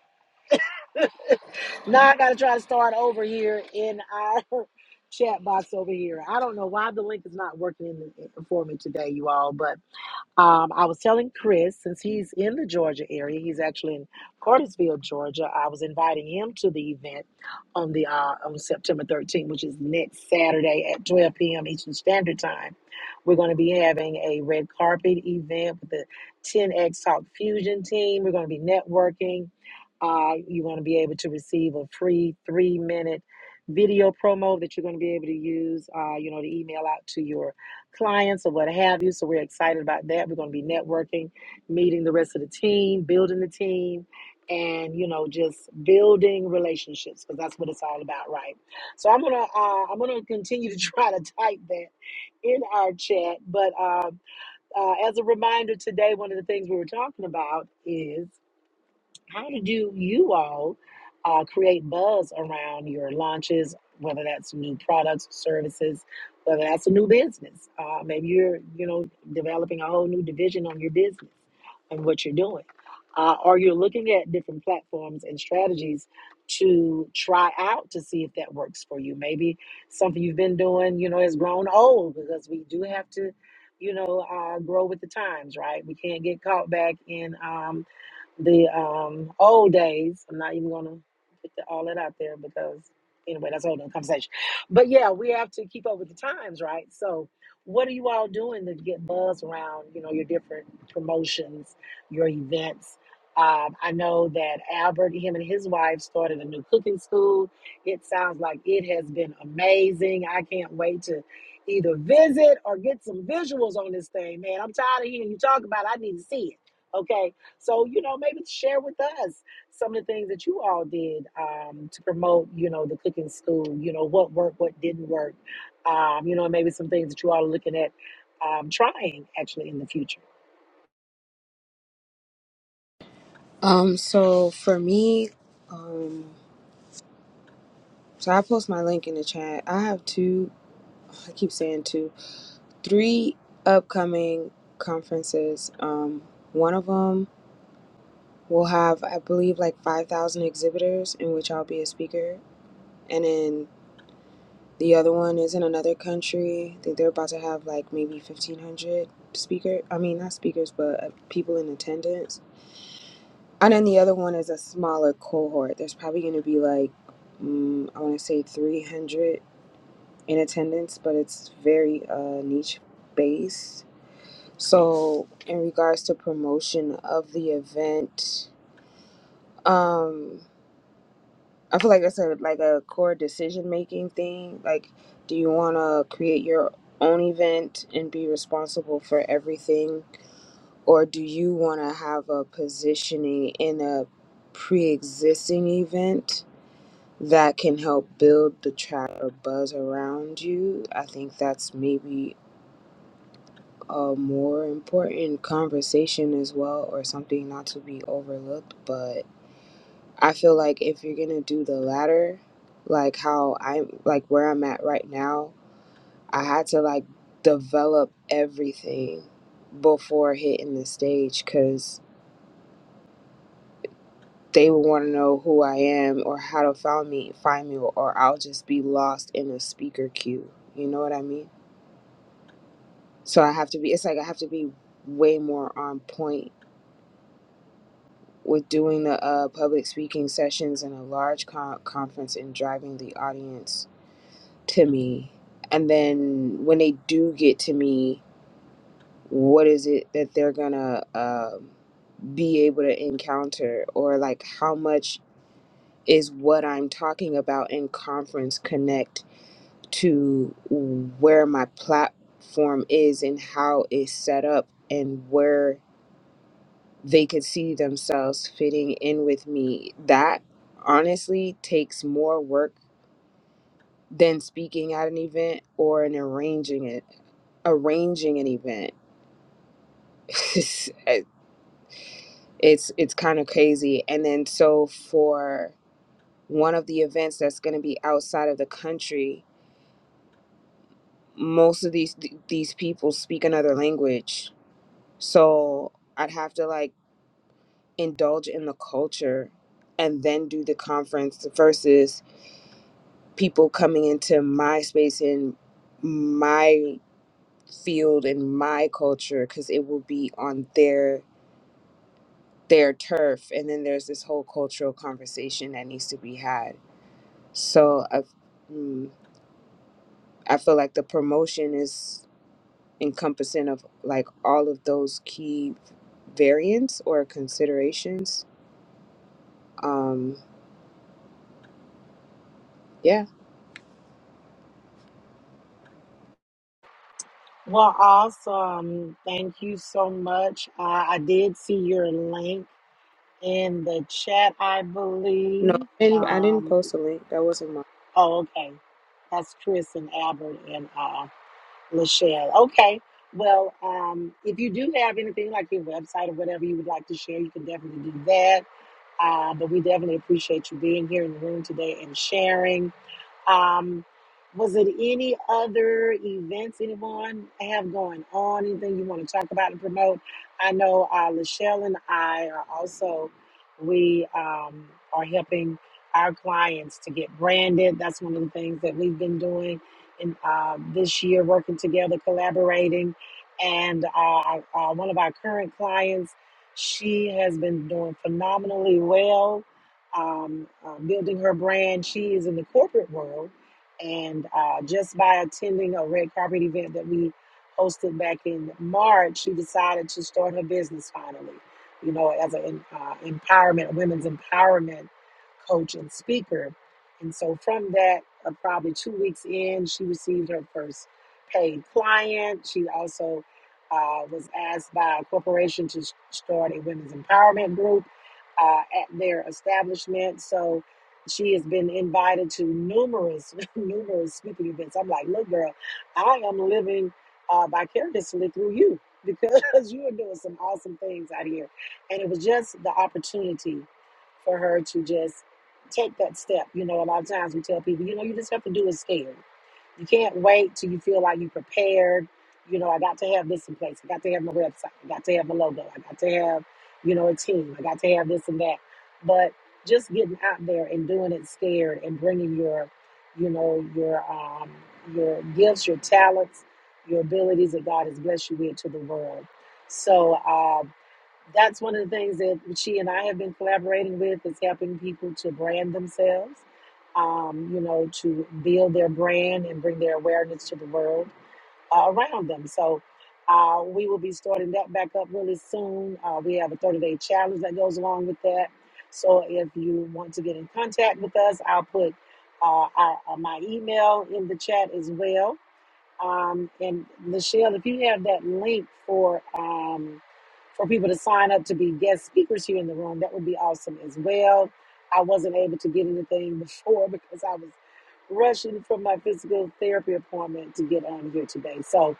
S1: Now I gotta try to start over here in our chat box over here. I don't know why the link is not working in for me today, you all, but um, I was telling Chris, since he's in the Georgia area, he's actually in Cartersville, Georgia. I was inviting him to the event on the uh, on September 13th, which is next Saturday at 12 p.m. Eastern Standard Time. We're going to be having a red carpet event with the 10X Talk Fusion team. We're going to be networking. Uh, you're going to be able to receive a free three minute video promo that you're going to be able to use, uh, you know, to email out to your clients or what have you. So we're excited about that. We're going to be networking, meeting the rest of the team, building the team, and you know just building relationships because that's what it's all about, right? So I'm gonna uh, I'm gonna continue to try to type that in our chat. But um uh, as a reminder, today one of the things we were talking about is how do you all uh, create buzz around your launches, whether that's new products, services, whether that's a new business? Uh, maybe you're, you know, developing a whole new division on your business and what you're doing. Uh, or you're looking at different platforms and strategies to try out to see if that works for you. Maybe something you've been doing, you know, has grown old because we do have to, you know, uh, grow with the times, right? We can't get caught back in. Um, the um, old days. I'm not even gonna put the, all that out there because anyway, that's a whole nother conversation. But yeah, we have to keep up with the times, right? So, what are you all doing to get buzz around? You know, your different promotions, your events. Um, I know that Albert, him and his wife started a new cooking school. It sounds like it has been amazing. I can't wait to either visit or get some visuals on this thing, man. I'm tired of hearing you talk about it. I need to see it. Okay so, you know, maybe share with us some of the things that you all did um, to promote, you know, the cooking school, you know, what worked, what didn't work, um, you know, and maybe some things that you all are looking at um, trying actually in the future.
S3: Um, so for me, um, so I post my link in the chat. I have two, I keep saying two, three upcoming conferences. Um, one of them will have, I believe, like 5,000 exhibitors in which I'll be a speaker. And then The other one is in another country. I think they're about to have like maybe 1,500 speaker. I mean, not speakers, but uh, people in attendance. And then the other one is a smaller cohort. There's probably going to be like, mm, I want to say 300 in attendance, but it's very uh, niche based. So, in regards to promotion of the event, um, I feel like that's a like a core decision making thing. Like, do you want to create your own event and be responsible for everything, or do you want to have a positioning in a pre existing event that can help build the track or buzz around you? I think that's maybe a more important conversation as well, or something not to be overlooked. but. I feel like if you're gonna do the latter, like how I'm like where I'm at right now, I had to like develop everything before hitting the stage because they would want to know who I am or how to find me, find me, or I'll just be lost in a speaker queue. You know what I mean? So I have to be. It's like I have to be way more on point with doing the uh, public speaking sessions in a large con- conference and driving the audience to me and then when they do get to me what is it that they're gonna um be able to encounter or like how much is what i'm talking about in conference connect to where my platform is and how it's set up and where they could see themselves fitting in with me that honestly takes more work than speaking at an event or in arranging it arranging an event it's it's kind of crazy and then so for one of the events that's going to be outside of the country most of these th- these people speak another language so i'd have to like indulge in the culture and then do the conference versus people coming into my space in my field and my culture because it will be on their their turf and then there's this whole cultural conversation that needs to be had so i mm, i feel like the promotion is encompassing of like all of those key variants or considerations um yeah
S1: Well, awesome. Thank you so much. Uh, I did see your link in the chat, I
S3: no
S1: believe.
S3: i didn't, I didn't
S1: Um,
S3: post a link that wasn't
S1: oh, okay. That's Chris and Albert and uh, Michelle. Okay. Well, um, if you do have anything like your website or whatever you would like to share, you can definitely do that. Uh, but we definitely appreciate you being here in the room today and sharing. Um, was it any other events anyone have going on? Anything you want to talk about and promote? I know uh, Lachelle and I are also we um, are helping our clients to get branded. That's one of the things that we've been doing in uh, this year, working together, collaborating, and uh, our- uh, one of our current clients, she has been doing phenomenally well um, uh, building her brand. She is in the corporate world, and uh, just by attending a red carpet event that we hosted back in March, she decided to start her business finally. You know, as an uh, empowerment, women's empowerment coach and speaker. And so, from that, uh, probably two weeks in, she received her first paid client. She also uh, was asked by a corporation to s- start a women's empowerment group uh, at their establishment. So she has been invited to numerous, numerous speaking events. I'm like, look, girl, I am living uh, vicariously through you because you are doing some awesome things out here. And it was just the opportunity for her to just take that step. You know, a lot of times we tell people, you know, you just have to do it scared. You can't wait till you feel like you're prepared. You know, I got to have this in place. I got to have my website. I got to have my logo. I got to have, you know, a team. I got to have this and that. But just getting out there and doing it scared and bringing your, you know, your um, your gifts, your talents, your abilities that God has blessed you with to the world. So uh, that's one of the things that she and I have been collaborating with is helping people to brand themselves, um, you know, to build their brand and bring their awareness to the world uh, around them. So uh, we will be starting that back up really soon. Uh, we have a 30 day challenge that goes along with that. So if you want to get in contact with us, I'll put uh, our, uh, my email in the chat as well um, and Michelle, if you have that link for um, for people to sign up to be guest speakers here in the room, that would be awesome as well. I wasn't able to get anything before because I was rushing from my physical therapy appointment to get on here today. So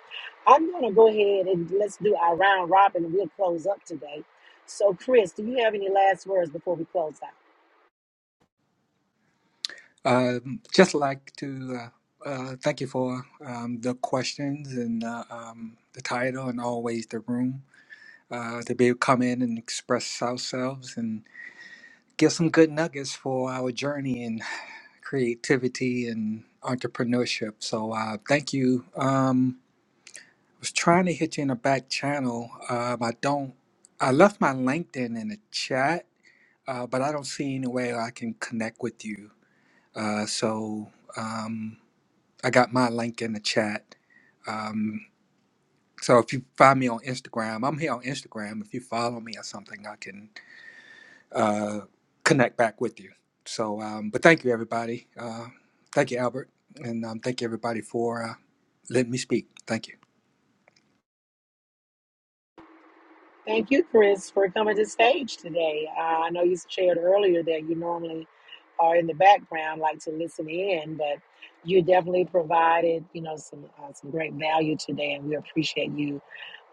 S1: I'm going to go ahead and let's do our round robin and we'll close up today. So, Chris, do you have any last words before we close out?
S2: Um, just like to uh, uh, thank you for um, the questions and uh, um, the title and always the room uh, to be able to come in and express ourselves and give some good nuggets for our journey in creativity and entrepreneurship. So uh, thank you. Um, I was trying to hit you in a back channel. Um, I don't. I left my LinkedIn in the chat, uh, but I don't see any way I can connect with you. Uh, so. Um, I got my link in the chat. Um, so if you find me on Instagram, I'm here on Instagram. If you follow me or something, I can uh, connect back with you. So, um, but thank you, everybody. Uh, thank you, Albert. And um, thank you, everybody, for uh, letting me speak. Thank you.
S1: Thank you, Chris, for coming to stage today. Uh, I know you shared earlier that you normally are in the background like to listen in, but you definitely provided, you know, some uh, some great value today, and we appreciate you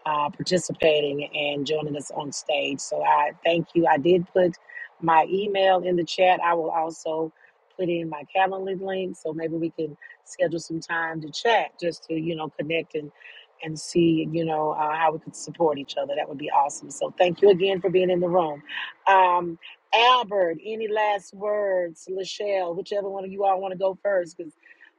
S1: uh, participating and joining us on stage. So I thank you. I did put my email in the chat. I will also put in my Calendly link, so maybe we can schedule some time to chat, just to you know connect and and see you know uh, how we could support each other. That would be awesome. So thank you again for being in the room. Um, Albert, any last words? Lachelle, whichever one of you all want to go first, because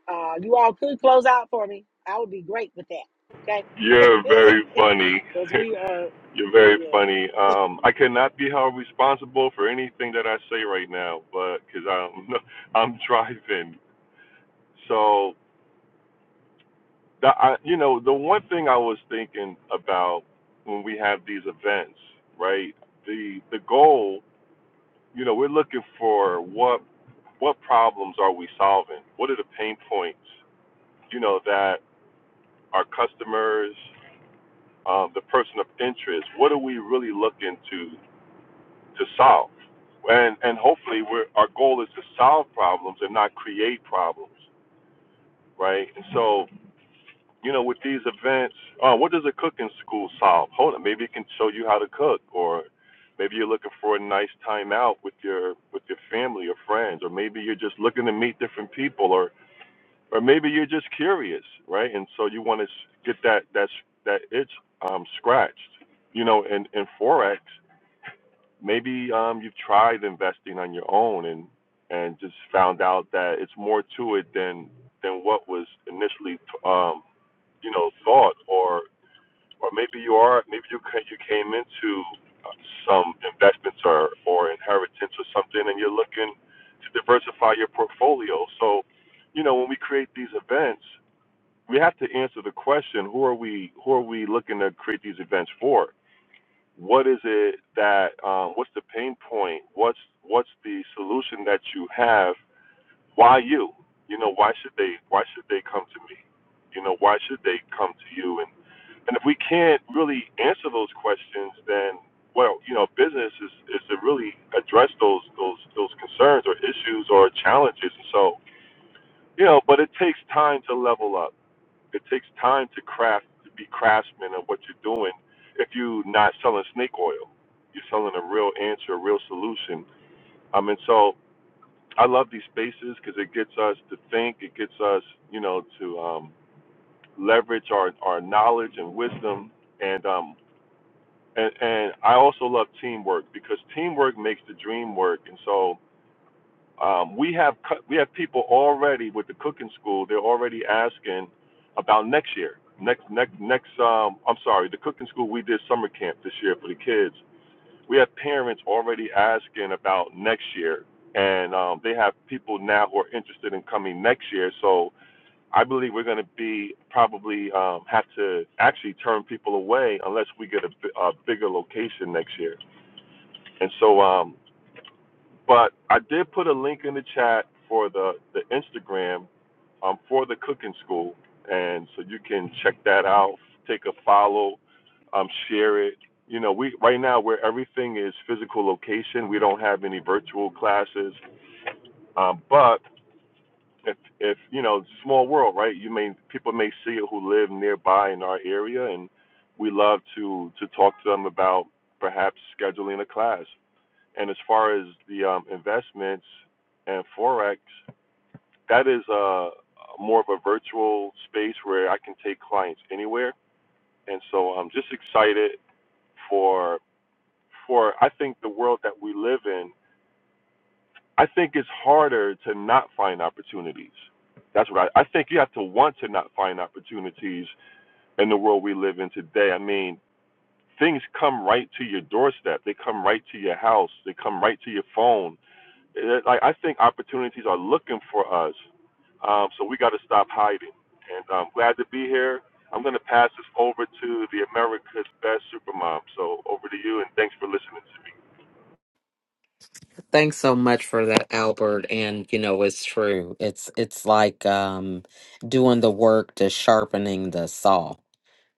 S1: uh, you all could close out for me. I would be great with that.
S5: You're
S1: Okay.
S5: very funny.
S1: Because we are,
S5: You're
S1: yeah,
S5: very
S1: yeah.
S5: funny. Um, I cannot be held responsible for anything that I say right now, but because I'm I'm driving. So that I, you know, the one thing I was thinking about when we have these events, right? The the goal, you know, we're looking for what what problems are we solving? What are the pain points? You know that our customers, um, the person of interest. What are we really looking to? to solve. And and hopefully we're, our goal is to solve problems and not create problems, right? And so, you know, with these events, uh, what does a cooking school solve? Hold on, maybe it can show you how to cook or maybe you're looking for a nice time out with your with your family or friends or maybe you're just looking to meet different people or or maybe you're just curious, right? And so you want to get that that that itch um, scratched. You know, in in forex maybe um, you've tried investing on your own and and just found out that it's more to it than than what was initially um, you know thought or or maybe you are maybe you you came into uh, some investments or or inheritance or something and you're looking to diversify your portfolio so you know when we create these events we have to answer the question who are we who are we looking to create these events for what is it that um, what's the pain point what's what's the solution that you have why you you know why should they why should they come to me you know why should they come to you and and if we can't really answer those questions then well you know business is is to really address those those those concerns or issues or challenges and so you know but it takes time to level up it takes time to craft to be craftsmen of what you're doing. If you're not selling snake oil, you're selling a real answer, a real solution. I mean, so I love these spaces because it gets us to think. It gets us, you know, to um, leverage our our knowledge and wisdom. And um, and and I also love teamwork because teamwork makes the dream work. And so um, we have cu- we have people already with the cooking school. They're already asking about next year, next next next. Um, I'm sorry, the cooking school we did summer camp this year for the kids. We have parents already asking about next year, and um, they have people now who are interested in coming next year. So I believe we're going to be probably um, have to actually turn people away unless we get a, a bigger location next year. And so um, but I did put a link in the chat for the, the Instagram um, for the cooking school. And so you can check that out, take a follow, um, share it. You know, we right now where everything is physical location, we don't have any virtual classes. Um, but if if you know, small world, right? You may people may see it who live nearby in our area, and we love to to talk to them about perhaps scheduling a class. And as far as the um, investments and forex, that is uh, more of a virtual space where I can take clients anywhere. And so I'm just excited for for I think the world that we live in. I think it's harder to not find opportunities. That's what I, I think you have to want to not find opportunities in the world we live in today. I mean, things come right to your doorstep. They come right to your house. They come right to your phone it- like I think opportunities are looking for us. Um, so we got to stop hiding. And I'm glad to be here. I'm going to pass this over to the America's Best Supermom. So over to you, and thanks for listening to me.
S4: Thanks so much for that, Albert. And you know, it's true. It's it's like um doing the work to sharpening the saw.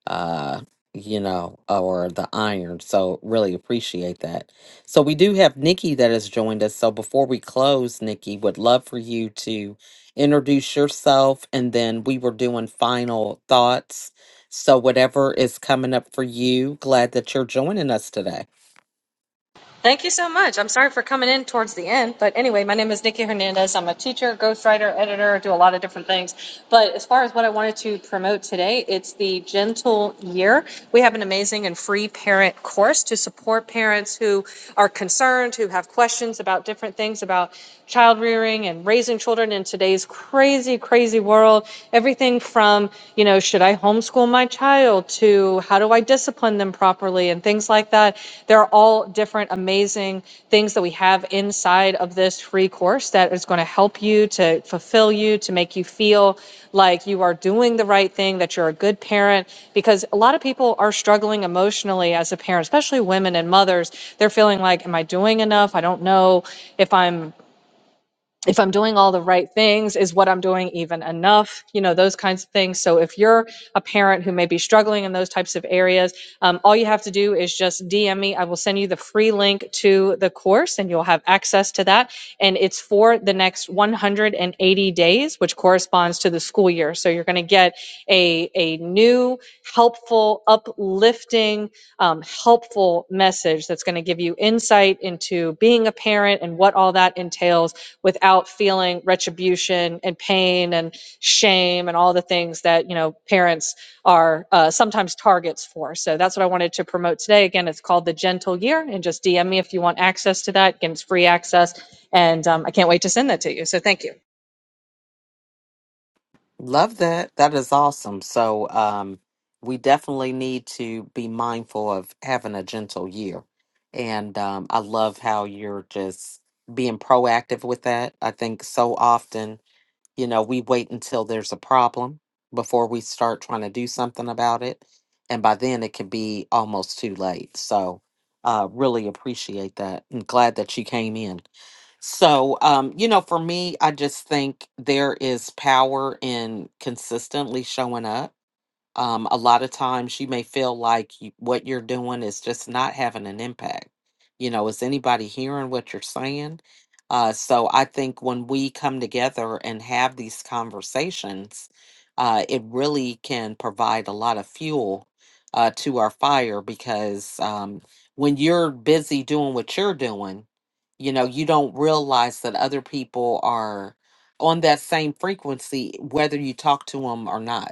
S4: uh you know or the iron so really appreciate that so we do have nikki that has joined us so before we close nikki would love for you to introduce yourself and then we were doing final thoughts so whatever is coming up for you glad that you're joining us today
S6: Thank you so much. I'm sorry for coming in towards the end, but anyway, my name is Nikki Hernandez. I'm a teacher, ghostwriter, editor, do a lot of different things. But as far as what I wanted to promote today, it's the Gentle Year. We have an amazing and free parent course to support parents who are concerned, who have questions about different things about child rearing and raising children in today's crazy, crazy world. Everything from, you know, should should I homeschool my child to how do I discipline them properly and things like that. They're all different amazing things that we have inside of this free course that is going to help you to fulfill you, to make you feel like you are doing the right thing, that you're a good parent because a lot of people are struggling emotionally as a parent, especially women and mothers. They're feeling like am I doing enough? I don't know if I'm if I'm doing all the right things, is what I'm doing even enough? You know, those kinds of things. So if you're a parent who may be struggling in those types of areas, um, all you have to do is just DM me. I will send you the free link to the course and you'll have access to that. And it's for the next 180 days, which corresponds to the school year. So you're going to get a, a new, helpful, uplifting, um, helpful message that's going to give you insight into being a parent and what all that entails without feeling retribution and pain and shame and all the things that you know parents are uh, sometimes targets for so that's what i wanted to promote today again it's called the gentle year and just dm me if you want access to that again it's free access and um, i can't wait to send that to you so thank you
S4: Love that. That is awesome. So, um, we definitely need to be mindful of having a gentle year. And um, I love how you're just being proactive with that. I think so often, you know, we wait until there's a problem before we start trying to do something about it. And by then it can be almost too late. So, uh, really appreciate that and glad that you came in. So, um, you know, for me, I just think there is power in consistently showing up um, a lot of times you may feel like you, what you're doing is just not having an impact. You know, is anybody hearing what you're saying? Uh, so I think when we come together and have these conversations, uh, it really can provide a lot of fuel uh, to our fire because um, when you're busy doing what you're doing, you know, you don't realize that other people are on that same frequency, whether you talk to them or not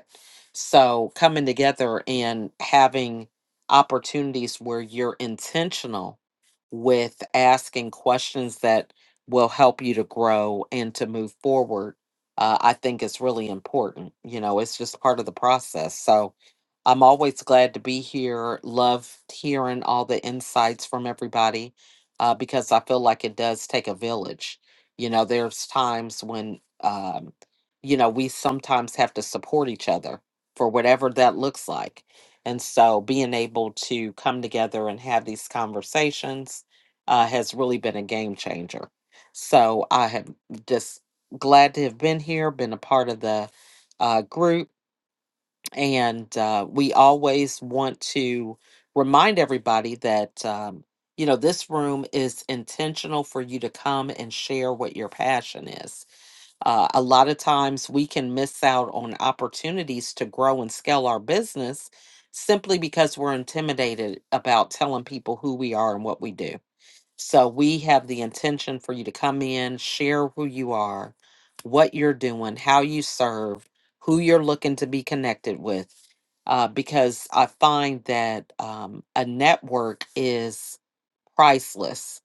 S4: so coming together and having opportunities where you're intentional with asking questions that will help you to grow and to move forward, uh, I think is really important. You know, it's just part of the process. So I'm always glad to be here. Love hearing all the insights from everybody uh, because I feel like it does take a village. You know, there's times when, um, you know, we sometimes have to support each other for whatever that looks like. And so being able to come together and have these conversations uh, has really been a game changer. So I have just glad to have been here, been a part of the uh, group. And uh, we always want to remind everybody that, um, you know, this room is intentional for you to come and share what your passion is uh, a lot of times we can miss out on opportunities to grow and scale our business simply because we're intimidated about telling people who we are and what we do. So we have the intention for you to come in, share who you are, what you're doing, how you serve, who you're looking to be connected with. Uh, because I find that um, a network is priceless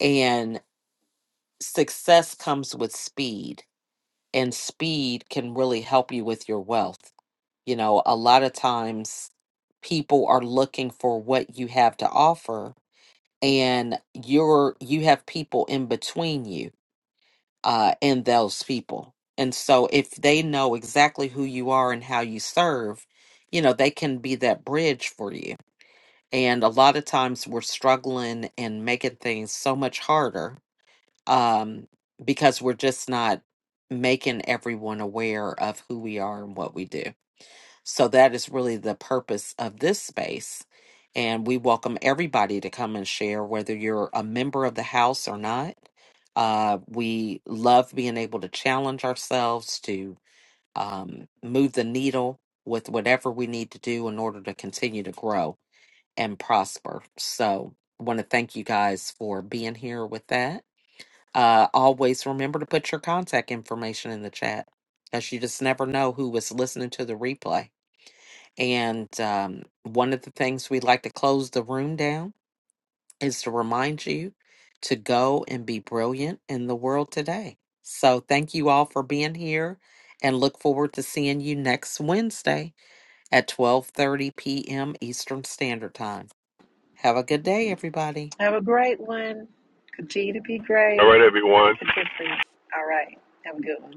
S4: and success comes with speed and speed can really help you with your wealth. You know, a lot of times people are looking for what you have to offer and you're you have people in between you uh and those people. And so if they know exactly who you are and how you serve, you know, they can be that bridge for you. And a lot of times we're struggling and making things so much harder um, because we're just not making everyone aware of who we are and what we do. So that is really the purpose of this space. And we welcome everybody to come and share, whether you're a member of the house or not. Uh, we love being able to challenge ourselves to um, move the needle with whatever we need to do in order to continue to grow and prosper. So, want to thank you guys for being here with that. Uh, always remember to put your contact information in the chat as you just never know who was listening to the replay. And um, one of the things we like to close the room down is to remind you to go and be brilliant in the world today. So thank you all for being here and look forward to seeing you next Wednesday at 12:30 p.m. Eastern Standard Time. Have a good day everybody.
S1: And Continue to be
S5: All
S1: great.
S5: right, everyone.
S1: Make a difference. All right. Have a good one.